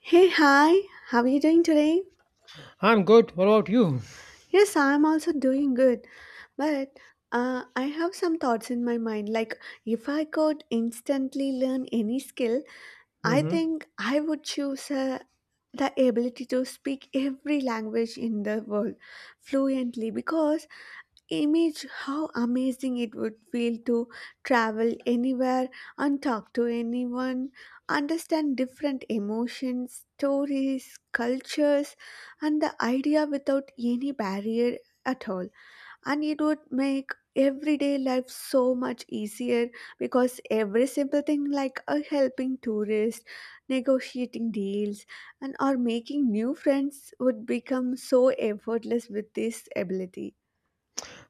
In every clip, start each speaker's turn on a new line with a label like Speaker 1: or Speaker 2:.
Speaker 1: Hey, hi, how are you doing today?
Speaker 2: I'm good. What about you?
Speaker 1: Yes, I'm also doing good, but I have some thoughts in my mind. Like, if I could instantly learn any skill, I
Speaker 2: hmm
Speaker 1: think I would choose the ability to speak every language in the world fluently because image how amazing it would feel to travel anywhere and talk to anyone, understand different emotions, stories, cultures, and the idea without any barrier at all. And it would make everyday life so much easier because every simple thing like a helping tourist, negotiating deals, and or making new friends would become so effortless with this ability.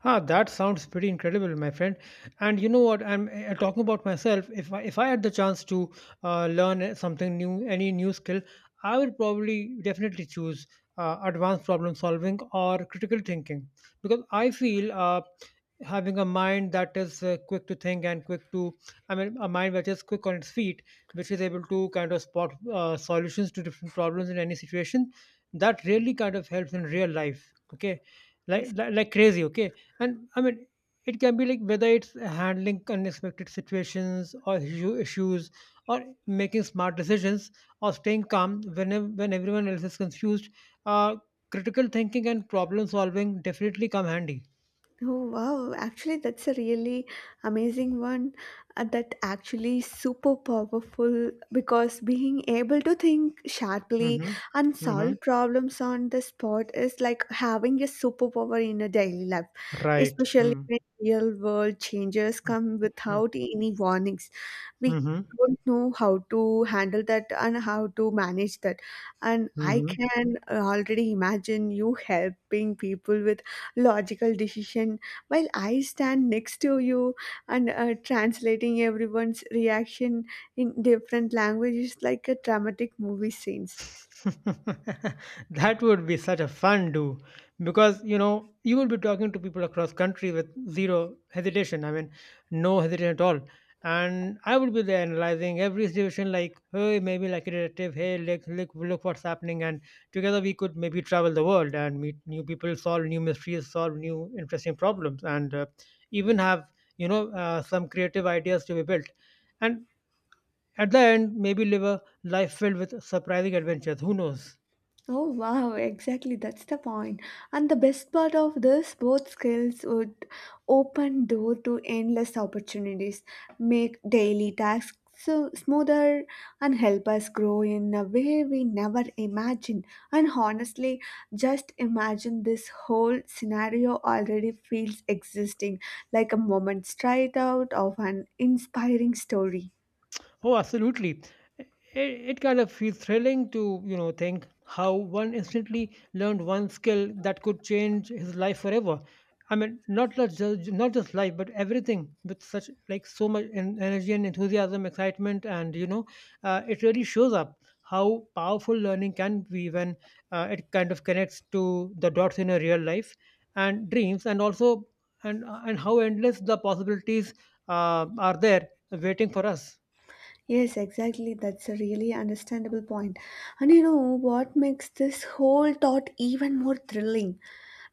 Speaker 2: Ah, that sounds pretty incredible, my friend. And you know what? I'm talking about myself. If I had the chance to learn something new, any new skill, I would probably definitely choose advanced problem solving or critical thinking because I feel having a mind that is quick to think and quick to I mean a mind which is quick on its feet, which is able to kind of spot solutions to different problems in any situation. That really kind of helps in real life, okay, like
Speaker 1: Yes.
Speaker 2: like, like crazy, okay. And I mean, it can be like whether it's handling unexpected situations or issues, or making smart decisions, or staying calm when everyone else is confused. uh, Critical thinking and problem solving definitely come handy.
Speaker 1: Oh wow, actually that's a really amazing one. That actually super powerful because being able to think sharply
Speaker 2: Mhm.
Speaker 1: and solve
Speaker 2: Mhm.
Speaker 1: problems on the spot is like having a superpower in a daily life,
Speaker 2: Right.
Speaker 1: especially
Speaker 2: Mm.
Speaker 1: when real world changes
Speaker 2: Mm.
Speaker 1: come
Speaker 2: Mm.
Speaker 1: without any warnings. We
Speaker 2: Mhm.
Speaker 1: don't know how to handle that and how to manage that. And I
Speaker 2: Mhm.
Speaker 1: can already imagine you helping people with logical decision while I stand next to you and translating everyone's reaction in different languages like a dramatic movie scenes.
Speaker 2: That would be such a fun do, because you know, you will be talking to people across country with zero hesitation I mean no hesitation at all. And I would be there analyzing every situation like, hey, maybe like a relative, hey, look what's happening. And together we could maybe travel the world and meet new people, solve new mysteries, solve new interesting problems, and even have some creative ideas to be built, and at the end maybe live a life filled with surprising adventures, who knows.
Speaker 1: Oh wow, exactly, that's the point. And the best part of this, both skills would open door to endless opportunities, make daily tasks so smoother and help us grow in a way we never imagined. And honestly, just imagine this whole scenario already feels existing like a moment straight out of an inspiring story.
Speaker 2: Oh, absolutely. It, it kind of feels thrilling to, you know, think how one instantly learned one skill that could change his life forever. I mean, not just life, but everything with such like so much energy and enthusiasm, excitement, and you know, it really shows up how powerful learning can be when it kind of connects to the dots in your real life and dreams, and also and how endless the possibilities are there waiting for us.
Speaker 1: Yes, exactly. That's a really understandable point. And you know what makes this whole thought even more thrilling?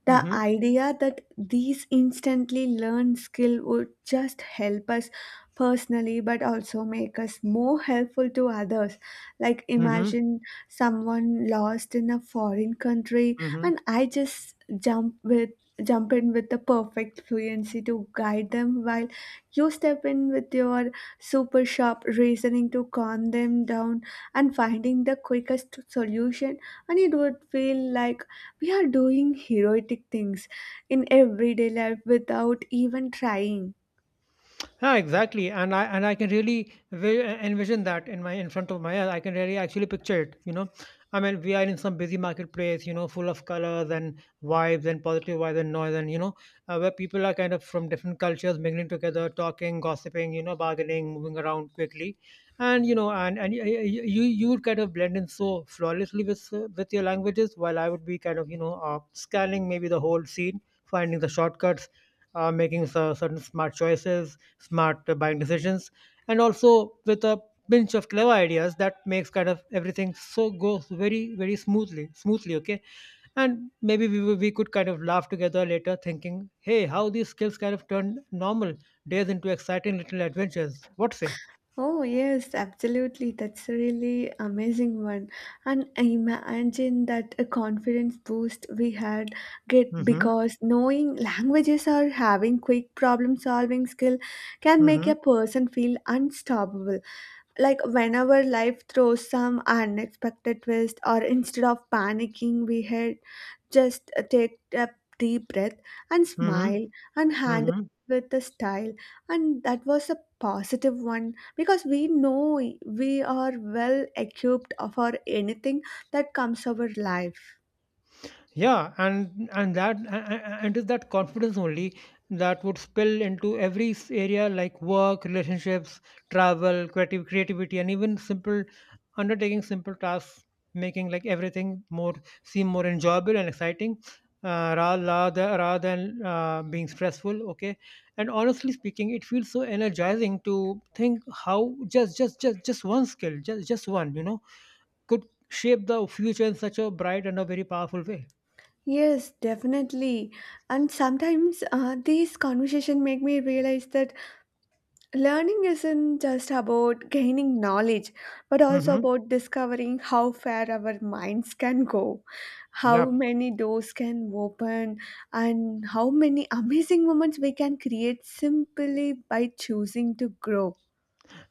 Speaker 1: The
Speaker 2: Mm-hmm.
Speaker 1: idea that these instantly learned skill would just help us personally but also make us more helpful to others. Like
Speaker 2: Mm-hmm.
Speaker 1: imagine someone lost in a foreign country
Speaker 2: Mm-hmm.
Speaker 1: and I just jump with jump in with the perfect fluency to guide them while you step in with your super sharp reasoning to calm them down and finding the quickest solution, and it would feel like we are doing heroic things in everyday life without even trying.
Speaker 2: Yeah, exactly. And I can really envision that in my, in front of my eyes. I can really actually picture it. You know, I mean, we are in some busy marketplace. You know, full of colors and vibes and positive vibes and noise and you know, where people are kind of from different cultures mingling together, talking, gossiping. You know, bargaining, moving around quickly, and you know, and you you would kind of blend in so flawlessly with your languages, while I would be kind of you know scanning maybe the whole scene, finding the shortcuts, making certain smart choices, smart buying decisions, and also with a pinch of clever ideas that makes kind of everything so goes very smoothly, smoothly, okay. And we could kind of laugh together later thinking, hey, how these skills kind of turn normal days into exciting little adventures, what say.
Speaker 1: Oh yes, absolutely. That's a really amazing one. And I imagine that a confidence boost we had get
Speaker 2: Mm-hmm.
Speaker 1: because knowing languages or having quick problem solving skill can make a
Speaker 2: Mm-hmm.
Speaker 1: person feel unstoppable. Like whenever life throws some unexpected twist or instead of panicking we had just take a deep breath and
Speaker 2: Mm-hmm.
Speaker 1: smile and handle
Speaker 2: Mm-hmm.
Speaker 1: with the style, and that was a positive one because we know we are well equipped for anything that comes our life.
Speaker 2: Yeah, and is that confidence only that would spill into every area like work, relationships, travel, creative, creativity, and even simple undertaking simple tasks, making like everything more, seem more enjoyable and exciting, rather than being stressful, okay. And honestly speaking, it feels so energizing to think how just one skill, just one, you know, could shape the future in such a bright and a very powerful way.
Speaker 1: Yes, definitely. And sometimes these conversations make me realize that learning isn't just about gaining knowledge but also
Speaker 2: Mm-hmm.
Speaker 1: about discovering how far our minds can go, how
Speaker 2: Yeah,
Speaker 1: many doors can open, and how many amazing moments we can create simply by choosing to grow.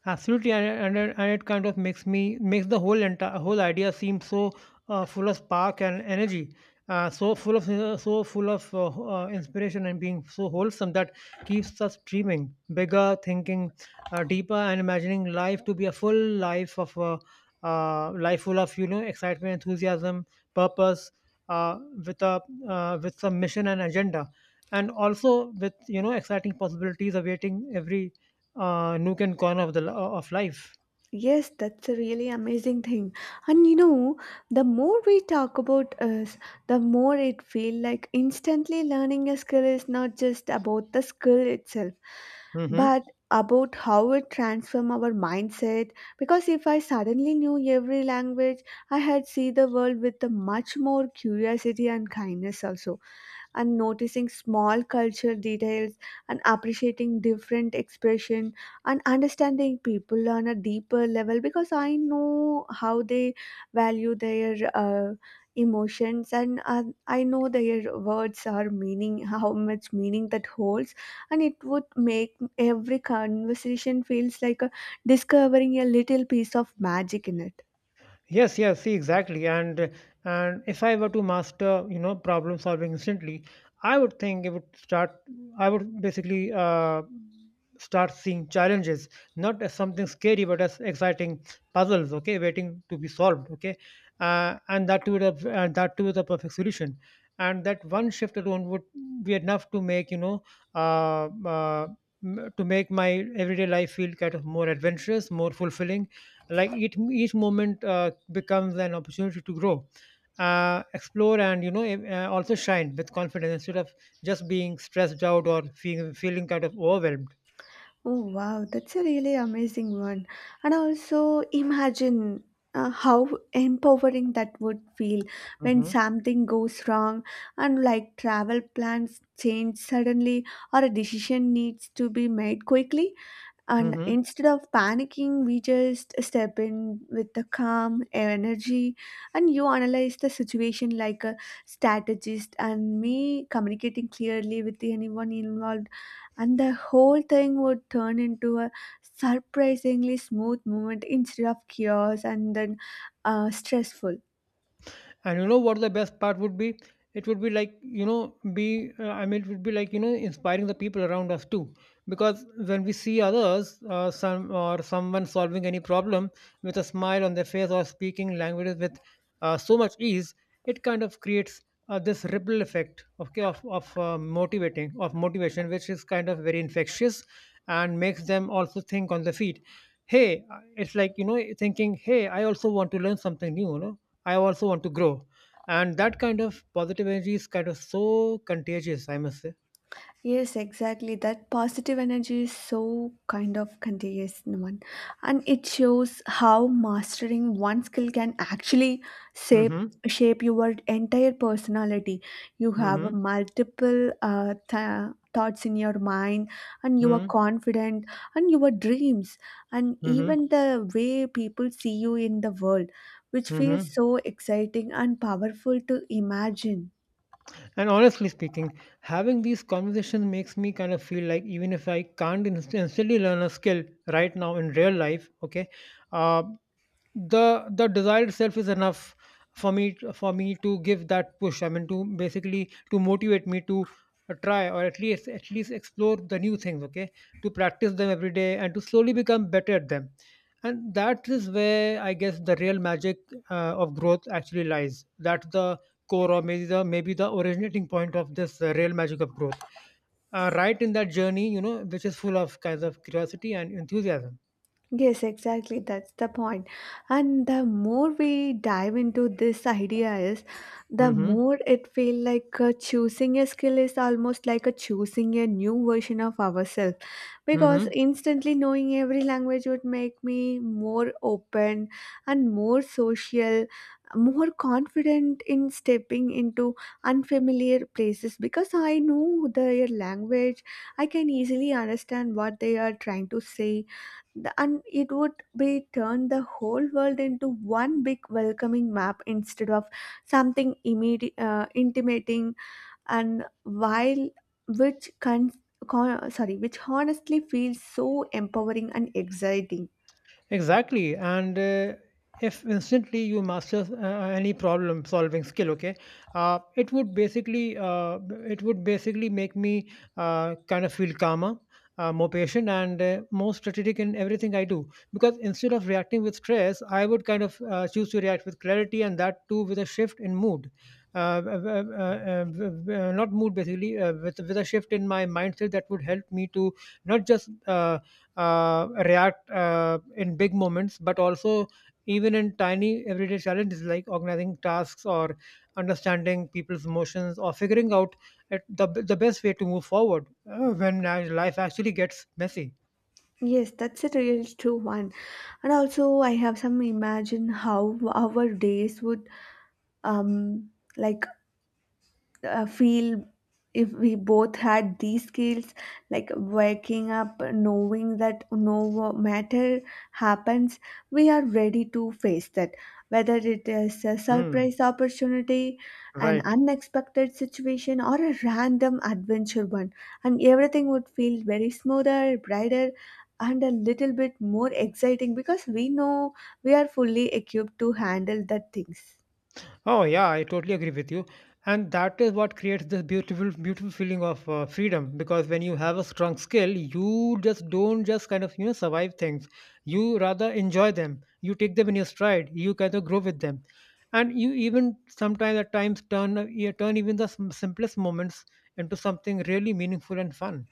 Speaker 2: absolutely, and it kind of makes me, makes the whole entire whole idea seem so full of spark and energy, so full of inspiration and being so wholesome that keeps us dreaming bigger, thinking deeper, and imagining life to be a full life of life full of you know excitement, enthusiasm, purpose, uh, with a with some mission and agenda, and also with you know exciting possibilities awaiting every nook and corner of the of life.
Speaker 1: Yes, that's a really amazing thing. And you know, the more we talk about us, the more it feel like instantly learning a skill is not just about the skill itself,
Speaker 2: Hmm.
Speaker 1: but about how it transform our mindset. Because if I suddenly knew every language, I had see the world with a much more curiosity and kindness also, and noticing small culture details and appreciating different expression and understanding people on a deeper level because I know how they value their emotions, and I know their words are meaning how much meaning that holds. And it would make every conversation feels like a, discovering a little piece of magic in it.
Speaker 2: Yes, see, exactly. And if I were to master, you know, problem solving instantly, I would think it would start. I would basically start seeing challenges not as something scary, but as exciting puzzles. Okay, waiting to be solved. Okay, and that too with a perfect solution. And that one shift alone would be enough to make you know, uh, uh, to make my everyday life feel kind of more adventurous, more fulfilling, like each moment becomes an opportunity to grow, explore, and you know also shine with confidence instead of just being stressed out or feeling kind of overwhelmed.
Speaker 1: Oh wow, that's a really amazing one. And also imagine how empowering that would feel when
Speaker 2: Hmm.
Speaker 1: something goes wrong and like travel plans change suddenly or a decision needs to be made quickly, and instead of panicking we just step in with the calm energy and you analyze the situation like a strategist and me communicating clearly with anyone involved, and the whole thing would turn into a surprisingly smooth moment instead of chaos and then stressful.
Speaker 2: And you know what the best part would be? It would be like, you know, it would be like, you know, inspiring the people around us too. Because when we see others, someone solving any problem with a smile on their face or speaking languages with so much ease, it kind of creates this ripple effect, okay, of motivation, which is kind of very infectious, and makes them also think on the feet, hey, it's like you know thinking, hey, I also want to learn something new, you know, I also want to grow. And that kind of positive energy is kind of so contagious, I must say.
Speaker 1: Yes, exactly. That positive energy is so kind of contagious in one. And it shows how mastering one skill can actually shape
Speaker 2: Mm-hmm.
Speaker 1: shape your entire personality. You have a
Speaker 2: Mm-hmm.
Speaker 1: multiple thoughts in your mind, and you are
Speaker 2: Mm-hmm.
Speaker 1: confident and your dreams and
Speaker 2: Mm-hmm.
Speaker 1: even the way people see you in the world, which feels
Speaker 2: Mm-hmm.
Speaker 1: so exciting and powerful to imagine.
Speaker 2: And honestly speaking, having these conversations makes me kind of feel like even if I can't instantly learn a skill right now in real life, okay, uh, the desire itself is enough for me to give that push, I mean to basically to motivate me to try or at least explore the new things, okay, to practice them every day and to slowly become better at them. And that is where I guess the real magic of growth actually lies. That's the core, or maybe the originating point of this real magic of growth, right in that journey, you know, which is full of kinds of curiosity and enthusiasm.
Speaker 1: Yes, exactly. That's the point. And the more we dive into this idea is, the
Speaker 2: Mm-hmm.
Speaker 1: more it feel like choosing a skill is almost like a choosing a new version of ourselves. Because
Speaker 2: Mm-hmm.
Speaker 1: instantly knowing every language would make me more open and more social, more confident in stepping into unfamiliar places. Because I know their language, I can easily understand what they are trying to say the, and it would be turn the whole world into one big welcoming map instead of something immediate, intimating, and while which con- sorry, which honestly feels so empowering and exciting.
Speaker 2: Exactly. And if instantly you master any problem solving skill, okay, uh, it would basically uh, it would basically make me kind of feel calmer, more patient, and more strategic in everything I do. Because instead of reacting with stress, I would kind of choose to react with clarity, and that too with a shift in mood. Not mood, basically with a shift in my mindset that would help me to not just react in big moments, but also even in tiny everyday challenges like organizing tasks or understanding people's emotions or figuring out the best way to move forward when life actually gets messy.
Speaker 1: Yes, that's a real true one. And also I have some imagine how our days would um like feel if we both had these skills, like waking up knowing that no matter happens we are ready to face that, whether it is a
Speaker 2: Hmm.
Speaker 1: surprise opportunity, an
Speaker 2: Right.
Speaker 1: unexpected situation, or a random adventure one. And everything would feel very smoother, brighter, and a little bit more exciting because we know we are fully equipped to handle the things.
Speaker 2: Oh yeah, I totally agree with you, and that is what creates this beautiful feeling of freedom. Because when you have a strong skill, you just don't just kind of you know survive things. You rather enjoy them. You take them in your stride. You kind of grow with them, and you even sometimes at times turn you turn even the simplest moments into something really meaningful and fun.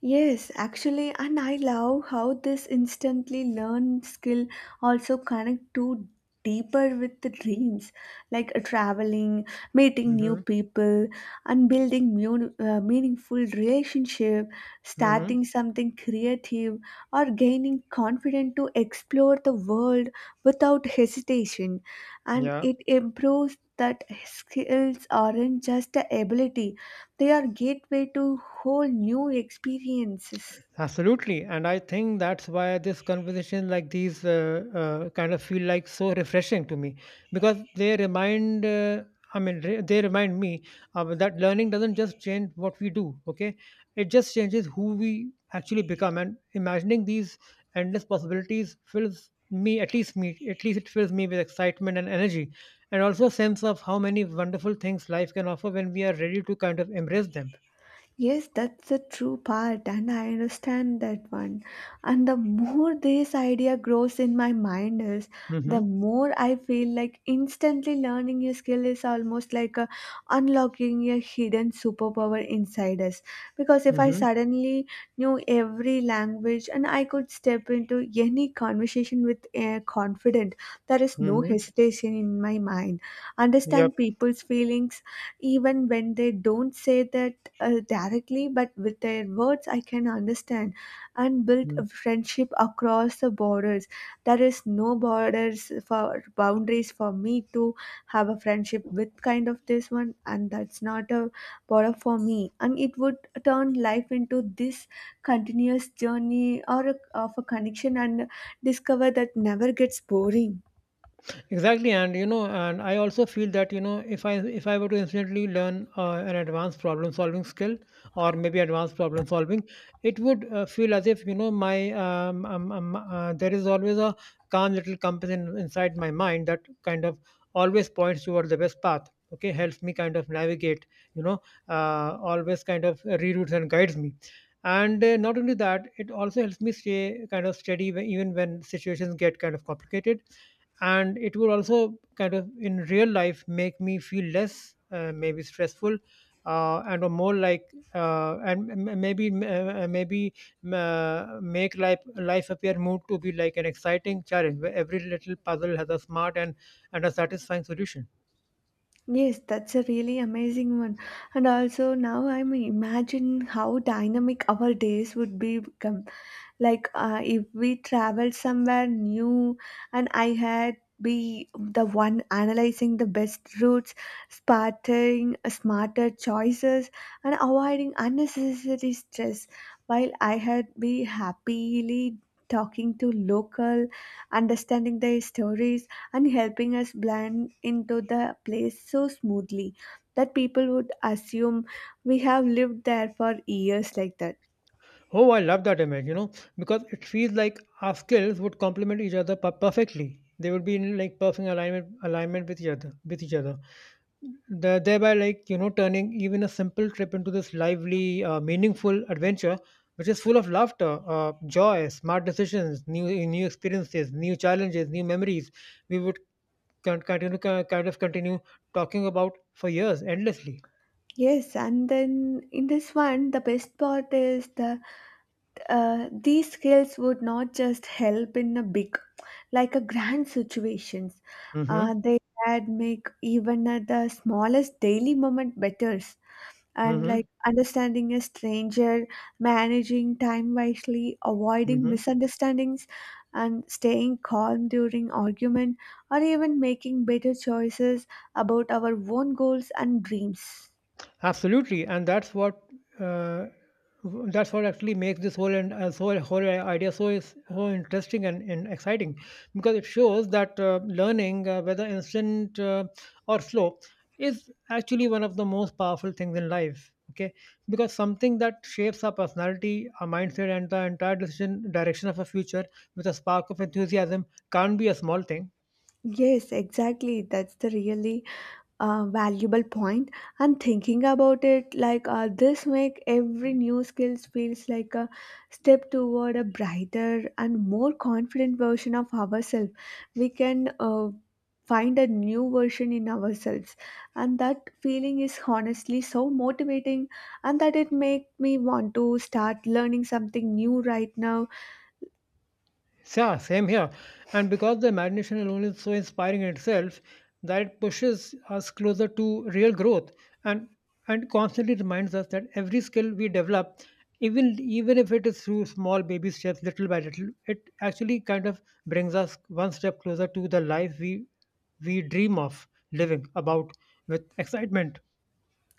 Speaker 1: Yes, actually, and I love how this instantly learned skill also connect to deeper with the dreams, like traveling, meeting new
Speaker 2: Mm-hmm.
Speaker 1: people, and building meaningful relationship, starting
Speaker 2: Mm-hmm.
Speaker 1: something creative, or gaining confidence to explore the world without hesitation, and
Speaker 2: Yeah.
Speaker 1: it improves that skills aren't just a ability, they are gateway to whole new experiences.
Speaker 2: Absolutely, and I think that's why this conversation like these kind of feel like so refreshing to me because they remind. I mean, re- they remind me that learning doesn't just change what we do. Okay, it just changes who we actually become. And imagining these endless possibilities fills me, at least it fills me with excitement and energy, and also a sense of how many wonderful things life can offer when we are ready to kind of embrace them.
Speaker 1: Yes, that's the true part, and I understand that one. And the more this idea grows in my mind is,
Speaker 2: Mm-hmm.
Speaker 1: the more I feel like instantly learning a skill is almost like a, unlocking a hidden superpower inside us. Because if I
Speaker 2: Mm-hmm.
Speaker 1: suddenly knew every language and I could step into any conversation with confident, there is no
Speaker 2: Mm-hmm.
Speaker 1: hesitation in my mind.
Speaker 2: Yep.
Speaker 1: Understand people's feelings even when they don't say that directly, but with their words, I can understand and build a friendship across the borders. There is no borders for boundaries for me to have a friendship with kind of this one, and that's not a border for me. And it would turn life into this continuous journey or a, of a connection and discover that never gets boring.
Speaker 2: Exactly, and you know, and I also feel that you know, if I were to instantly learn an advanced problem solving skill, or maybe advanced problem solving, it would feel as if you know my there is always a calm little compass inside my mind that kind of always points toward the best path. Okay, helps me kind of navigate. You know, always kind of reroutes and guides me. And Not only that, it also helps me stay kind of steady even when situations get kind of complicated, and it would also kind of in real life make me feel less maybe stressful, and or more like, and m- m- maybe maybe make life appear more to be like an exciting challenge where every little puzzle has a smart and a satisfying solution.
Speaker 1: Yes, that's a really amazing one. And also now I'm imagine how dynamic our days would be become. Like if we travel somewhere new and I had be the one analyzing the best routes, spotting smarter choices and avoiding unnecessary stress, while I had be happily talking to local, understanding their stories and helping us blend into the place so smoothly that people would assume we have lived there for years like that.
Speaker 2: Oh, I love that image, you know, because it feels like our skills would complement each other perfectly. They would be in like perfect alignment with each other. Thereby, turning even a simple trip into this lively, meaningful adventure, which is full of laughter, joy, smart decisions, new experiences, new challenges, new memories. We would con- continue, ki- kind of continue talking about for years endlessly.
Speaker 1: Yes, and then in this one, the best part is the these skills would not just help in a big, like a grand situations.
Speaker 2: Mm-hmm.
Speaker 1: They had make even at the smallest daily moment better. And
Speaker 2: Mm-hmm.
Speaker 1: like understanding a stranger, managing time wisely, avoiding misunderstandings, and staying calm during argument, or even making better choices about our own goals and dreams.
Speaker 2: Absolutely, and that's what uh, that's what actually makes this whole and whole whole idea so interesting and exciting, because it shows that learning, whether instant or slow, is actually one of the most powerful things in life. Okay, because something that shapes our personality, our mindset, and the entire decision direction of our future with a spark of enthusiasm can't be a small thing.
Speaker 1: Yes, exactly. That's the really valuable point, and thinking about it like this make every new skills feels like a step toward a brighter and more confident version of ourselves. We can find a new version in ourselves, and that feeling is honestly so motivating, and that it make me want to start learning something new right now.
Speaker 2: Yeah, same here. And because the imagination alone is so inspiring in itself, that it pushes us closer to real growth and and constantly reminds us that every skill we develop, even if it is through small baby steps, little by little, it actually kind of brings us one step closer to the life we dream of living about with excitement.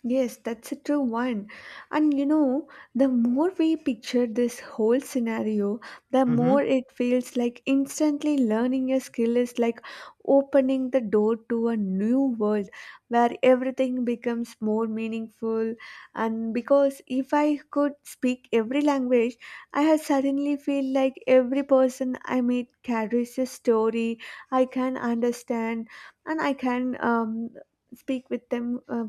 Speaker 1: Yes, that's a true one. And you know, the more we picture this whole scenario, the
Speaker 2: Mm-hmm.
Speaker 1: more it feels like instantly learning a skill is like opening the door to a new world where everything becomes more meaningful. And because if I could speak every language, I have suddenly feel like every person I meet carries a story I can understand, and I can speak with them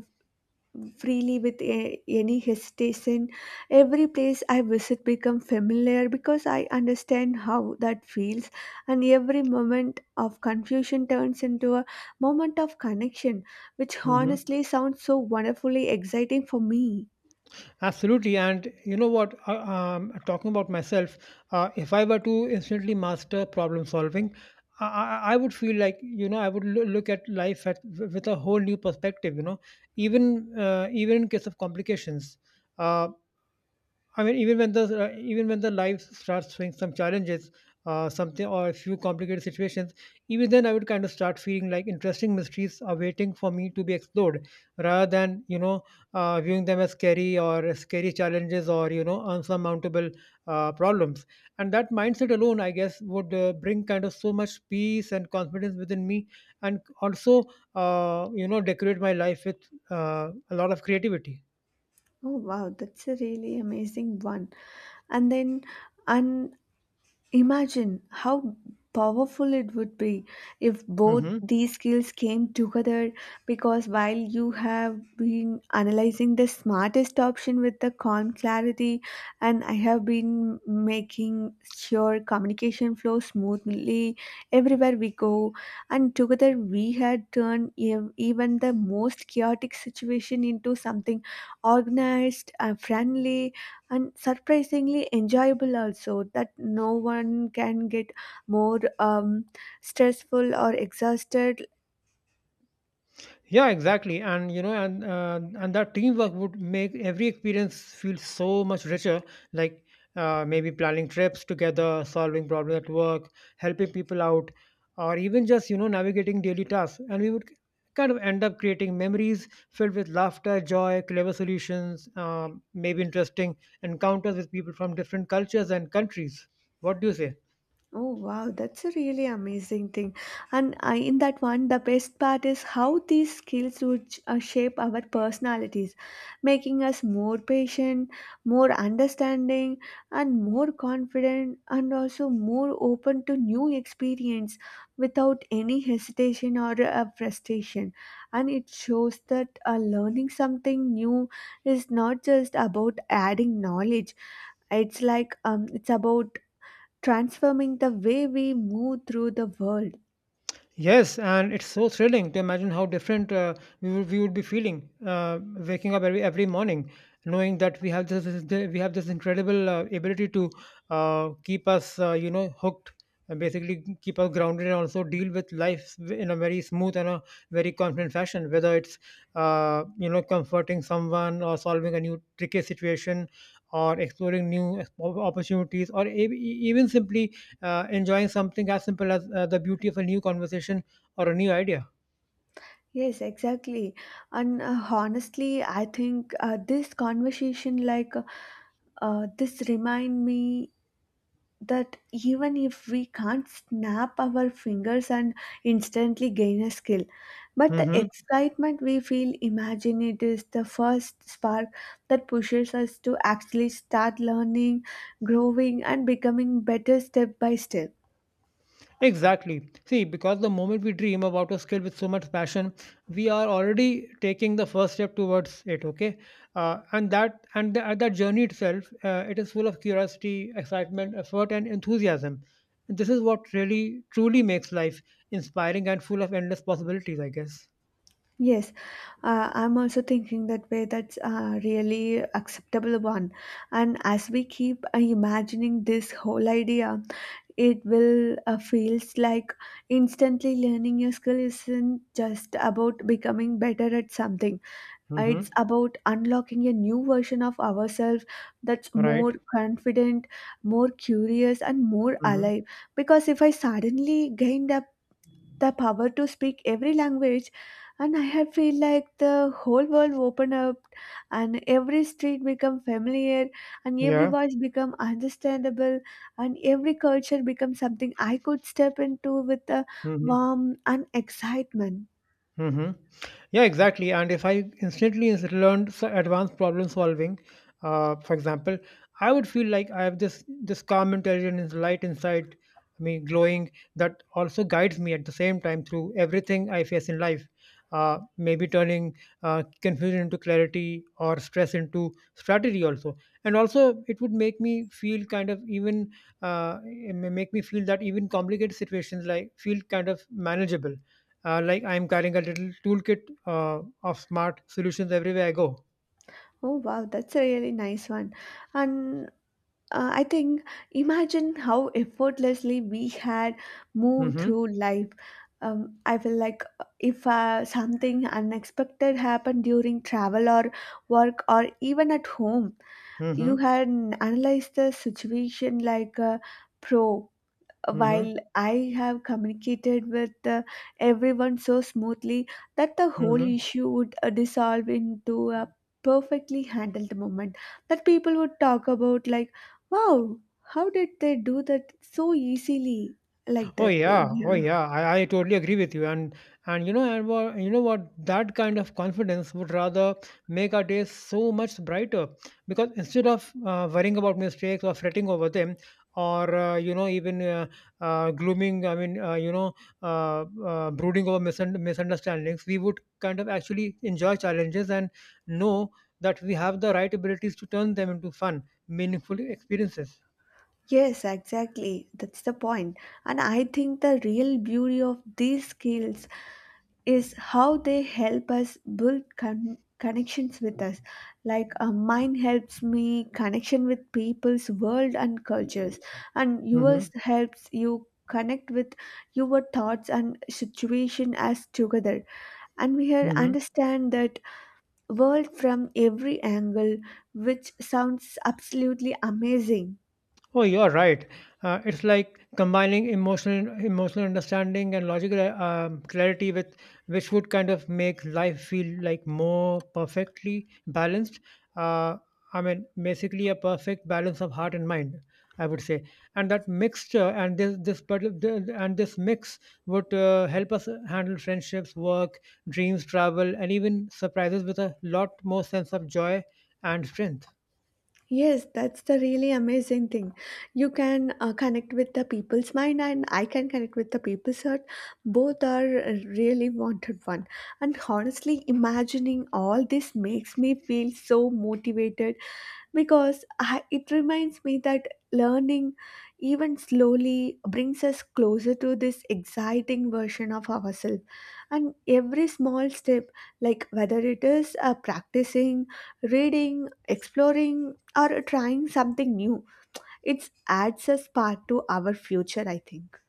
Speaker 1: freely with a, any hesitation. Every place I visit become familiar because I understand how that feels, and every moment of confusion turns into a moment of connection, which
Speaker 2: Mm-hmm.
Speaker 1: honestly sounds so wonderfully exciting for me.
Speaker 2: Absolutely. And you know what? Talking about myself, if I were to instantly master problem solving, I, I would feel like, you know, I would look at life with a whole new perspective. You know, even even in case of complications. uh, I mean, even when the life starts throwing some challenges, something or a few complicated situations, even then I would kind of start feeling like interesting mysteries are waiting for me to be explored, rather than, you know, viewing them as scary or as scary challenges, or, you know, unsurmountable problems. And that mindset alone, I guess, would bring kind of so much peace and confidence within me, and also you know, decorate my life with a lot of creativity.
Speaker 1: Oh wow, that's a really amazing one. And then and Imagine how powerful it would be if both
Speaker 2: Hmm.
Speaker 1: these skills came together, because while you have been analyzing the smartest option with the calm clarity and I have been making sure communication flows smoothly everywhere we go, and together we had turned even the most chaotic situation into something organized, friendly and surprisingly enjoyable also that no one can get more stressful or exhausted.
Speaker 2: Yeah, exactly. And you know, and that teamwork would make every experience feel so much richer, like maybe planning trips together, solving problems at work, helping people out, or even just, you know, navigating daily tasks. And we would kind of end up creating memories filled with laughter, joy, clever solutions, maybe interesting encounters with people from different cultures and countries. What do you say?
Speaker 1: Oh wow, that's a really amazing thing. And I, in that one, the best part is how these skills would shape our personalities, making us more patient, more understanding, and more confident, and also more open to new experience without any hesitation or frustration. And it shows that learning something new is not just about adding knowledge. It's like it's about transforming the way we move through the world.
Speaker 2: Yes, and it's so thrilling to imagine how different we would be feeling waking up every morning, knowing that we have we have this incredible ability to keep us you know, hooked, and basically keep us grounded, and also deal with life in a very smooth and a very confident fashion. Whether it's you know, comforting someone or solving a new tricky situation, or exploring new opportunities, or even simply enjoying something as simple as the beauty of a new conversation or a new idea.
Speaker 1: Yes, exactly. And honestly, I think this conversation, like remind me that even if we can't snap our fingers and instantly gain a skill, but the
Speaker 2: Hmm.
Speaker 1: excitement we feel, imagine it is the first spark that pushes us to actually start learning, growing, and becoming better step by step.
Speaker 2: Exactly. See, because the moment we dream about a skill with so much passion, we are already taking the first step towards it. Okay, and that journey itself, it is full of curiosity, excitement, effort, and enthusiasm. This is what really truly makes life inspiring and full of endless possibilities, I guess.
Speaker 1: Yes, I'm also thinking that way. That's a really acceptable one. And as we keep imagining this whole idea, it will feels like instantly learning a skill isn't just about becoming better at something. It's
Speaker 2: Hmm.
Speaker 1: about unlocking a new version of ourselves that's more
Speaker 2: Right.
Speaker 1: confident, more curious, and more
Speaker 2: Hmm.
Speaker 1: alive. Because if I suddenly gained a the power to speak every language and I have feel like the whole world open up, and every street become familiar, and every
Speaker 2: Yeah.
Speaker 1: voice become understandable, and every culture become something I could step into with a
Speaker 2: Hmm.
Speaker 1: warmth and excitement.
Speaker 2: Mm-hmm. Yeah, exactly. And if I instantly learned advanced problem solving, for example, I would feel like I have this calm intelligence, light inside me, glowing, that also guides me at the same time through everything I face in life. Maybe turning confusion into clarity or stress into strategy also. And also it would make me feel kind of even, it may make me feel that even complicated situations like feel kind of manageable, like I'm carrying a little toolkit of smart solutions everywhere I go.
Speaker 1: Oh wow, that's a really nice one. And I think, imagine how effortlessly we had moved
Speaker 2: Mm-hmm.
Speaker 1: through life. I feel like if something unexpected happened during travel or work or even at home, you
Speaker 2: Mm-hmm.
Speaker 1: had analyzed the situation like a pro,
Speaker 2: Mm-hmm.
Speaker 1: while I have communicated with everyone so smoothly that the whole
Speaker 2: Mm-hmm.
Speaker 1: issue would dissolve into a perfectly handled moment that people would talk about, like, wow, how did they do that so easily? Like
Speaker 2: Oh
Speaker 1: that way.
Speaker 2: yeah, oh
Speaker 1: Yeah.
Speaker 2: yeah. I totally agree with you. And you know, what that kind of confidence would rather make our days so much brighter, because instead of worrying about mistakes or fretting over them, or you know, even glooming I mean, uh, brooding over misunderstandings, we would kind of actually enjoy challenges and know that we have the right abilities to turn them into fun, meaningful experiences.
Speaker 1: Yes, exactly. That's the point. And I think the real beauty of these skills is how they help us build connections with us, like mine helps me connection with people's world and cultures, and yours
Speaker 2: Mm-hmm.
Speaker 1: helps you connect with your thoughts and situation as together, and we here
Speaker 2: Mm-hmm.
Speaker 1: understand that world from every angle, which sounds absolutely amazing.
Speaker 2: Oh, you're right. It's like combining emotional understanding and logical clarity, with which would kind of make life feel like more perfectly balanced. Uh, I mean, basically a perfect balance of heart and mind, I would say. And that mixture and this parti- the- and this mix would help us handle friendships, work, dreams, travel, and even surprises with a lot more sense of joy and strength.
Speaker 1: Yes, that's the really amazing thing. You can connect with the people's mind, and I can connect with the people's heart. Both are really wanted one. And honestly, imagining all this makes me feel so motivated because I, it reminds me that learning even slowly brings us closer to this exciting version of ourselves, and every small step, like whether it is practicing, reading, exploring, or trying something new, it adds a spark to our future, I think.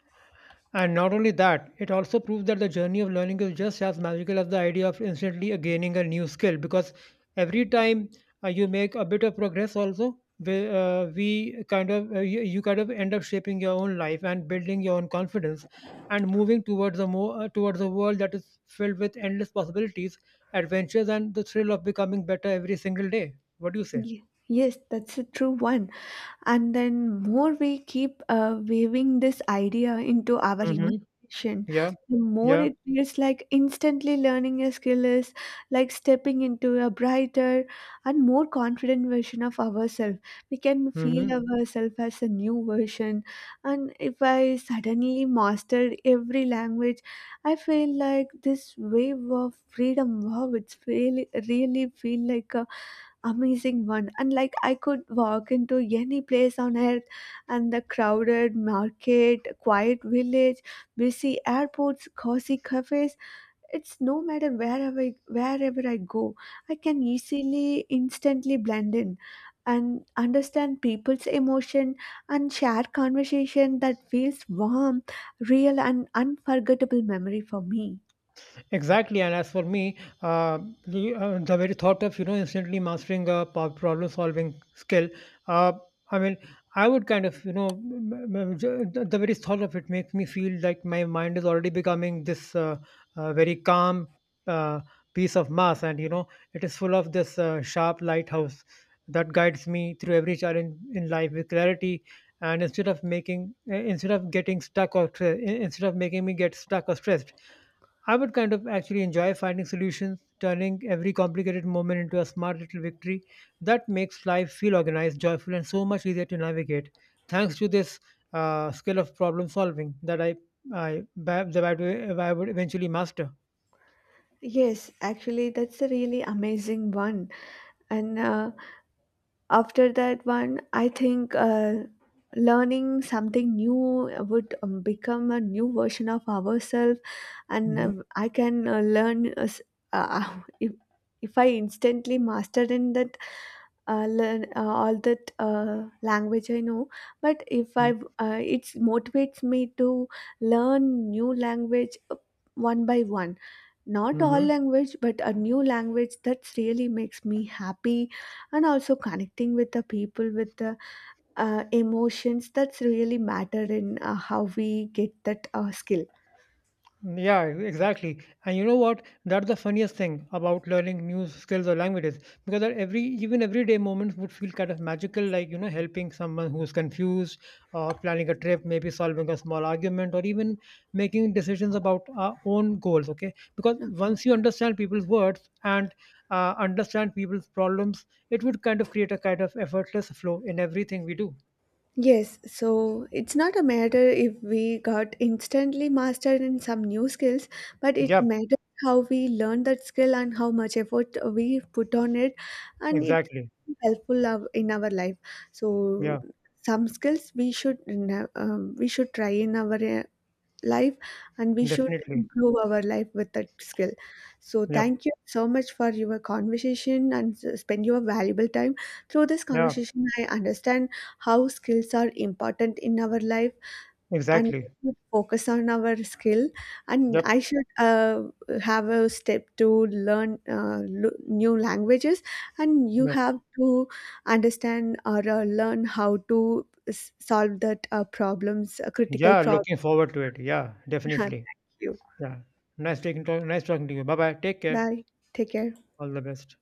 Speaker 2: And not only that, it also proves that the journey of learning is just as magical as the idea of instantly gaining a new skill, because every time you make a bit of progress, also we kind of, you kind of end up shaping your own life and building your own confidence, and moving towards a world that is filled with endless possibilities, adventures, and the thrill of becoming better every single day. What do you say?
Speaker 1: Yes, that's a true one. And then more we keep weaving this idea into our imagination,
Speaker 2: Hmm. Yeah.
Speaker 1: the more
Speaker 2: Yeah.
Speaker 1: it feels like instantly learning a skill is like stepping into a brighter and more confident version of ourselves. We can
Speaker 2: Hmm.
Speaker 1: feel ourselves as a new version. And if I suddenly mastered every language, I feel like this wave of freedom. Wow, it's really really feel like a amazing one. And like I could walk into any place on earth, and the crowded market, quiet village, busy airports, cozy cafes, it's no matter wherever I go, I can easily instantly blend in and understand people's emotion and share conversation that feels warm, real, and unforgettable memory for me.
Speaker 2: Exactly, and as for me, the very thought of, you know, instantly mastering a problem solving skill, uh, I mean, I would kind of, you know, the very thought of it makes me feel like my mind is already becoming this very calm uh, piece of mass, and you know, it is full of this sharp lighthouse that guides me through every challenge in life with clarity. And instead of making, instead of getting stuck or instead of making me get stuck or stressed, I would kind of actually enjoy finding solutions, turning every complicated moment into a smart little victory that makes life feel organized, joyful, and so much easier to navigate. Thanks to this skill of problem solving that I that I would eventually master.
Speaker 1: Yes, actually that's a really amazing one. And after that one I think learning something new would become a new version of ourselves. And
Speaker 2: Hmm.
Speaker 1: I can learn s- uh, if, if I instantly mastered in that, learn all that language I know, but if I it motivates me to learn new language, one by one. Not all
Speaker 2: Hmm.
Speaker 1: language, but a new language that really makes me happy. And also connecting with the people with the emotions, that's really matter in how we get that skill.
Speaker 2: Yeah, exactly. And you know what? That's the funniest thing about learning new skills or languages, because that every, even everyday moments would feel kind of magical, like, you know, helping someone who's confused, or planning a trip, maybe solving a small argument, or even making decisions about our own goals. Okay, because
Speaker 1: Okay.
Speaker 2: once you understand people's words and understand people's problems, it would kind of create a kind of effortless flow in everything we do.
Speaker 1: Yes, so it's not a matter if we got instantly mastered in some new skills, but it
Speaker 2: Yep,
Speaker 1: matters how we learn that skill and how much effort we put on it, and it's
Speaker 2: exactly.
Speaker 1: in our life. So
Speaker 2: Yeah,
Speaker 1: some skills we should we should try in our life, and we should
Speaker 2: definitely.
Speaker 1: improve our life with that skill. So
Speaker 2: Yep,
Speaker 1: thank you so much for your conversation and spend your valuable time. Through this
Speaker 2: yeah,
Speaker 1: conversation I understand how skills are important in our life, and we
Speaker 2: exactly.
Speaker 1: should focus on our skill, and
Speaker 2: Yep.
Speaker 1: I should have a step to learn new languages. And you
Speaker 2: Yeah.
Speaker 1: have to understand or learn how to solve that problems, critical
Speaker 2: Yeah,
Speaker 1: problem.
Speaker 2: looking forward to it. Yeah,
Speaker 1: Thank
Speaker 2: definitely.
Speaker 1: you.
Speaker 2: Yeah. Nice taking talk, nice talking to you. Bye bye. Take care.
Speaker 1: Bye. Take care.
Speaker 2: All the best.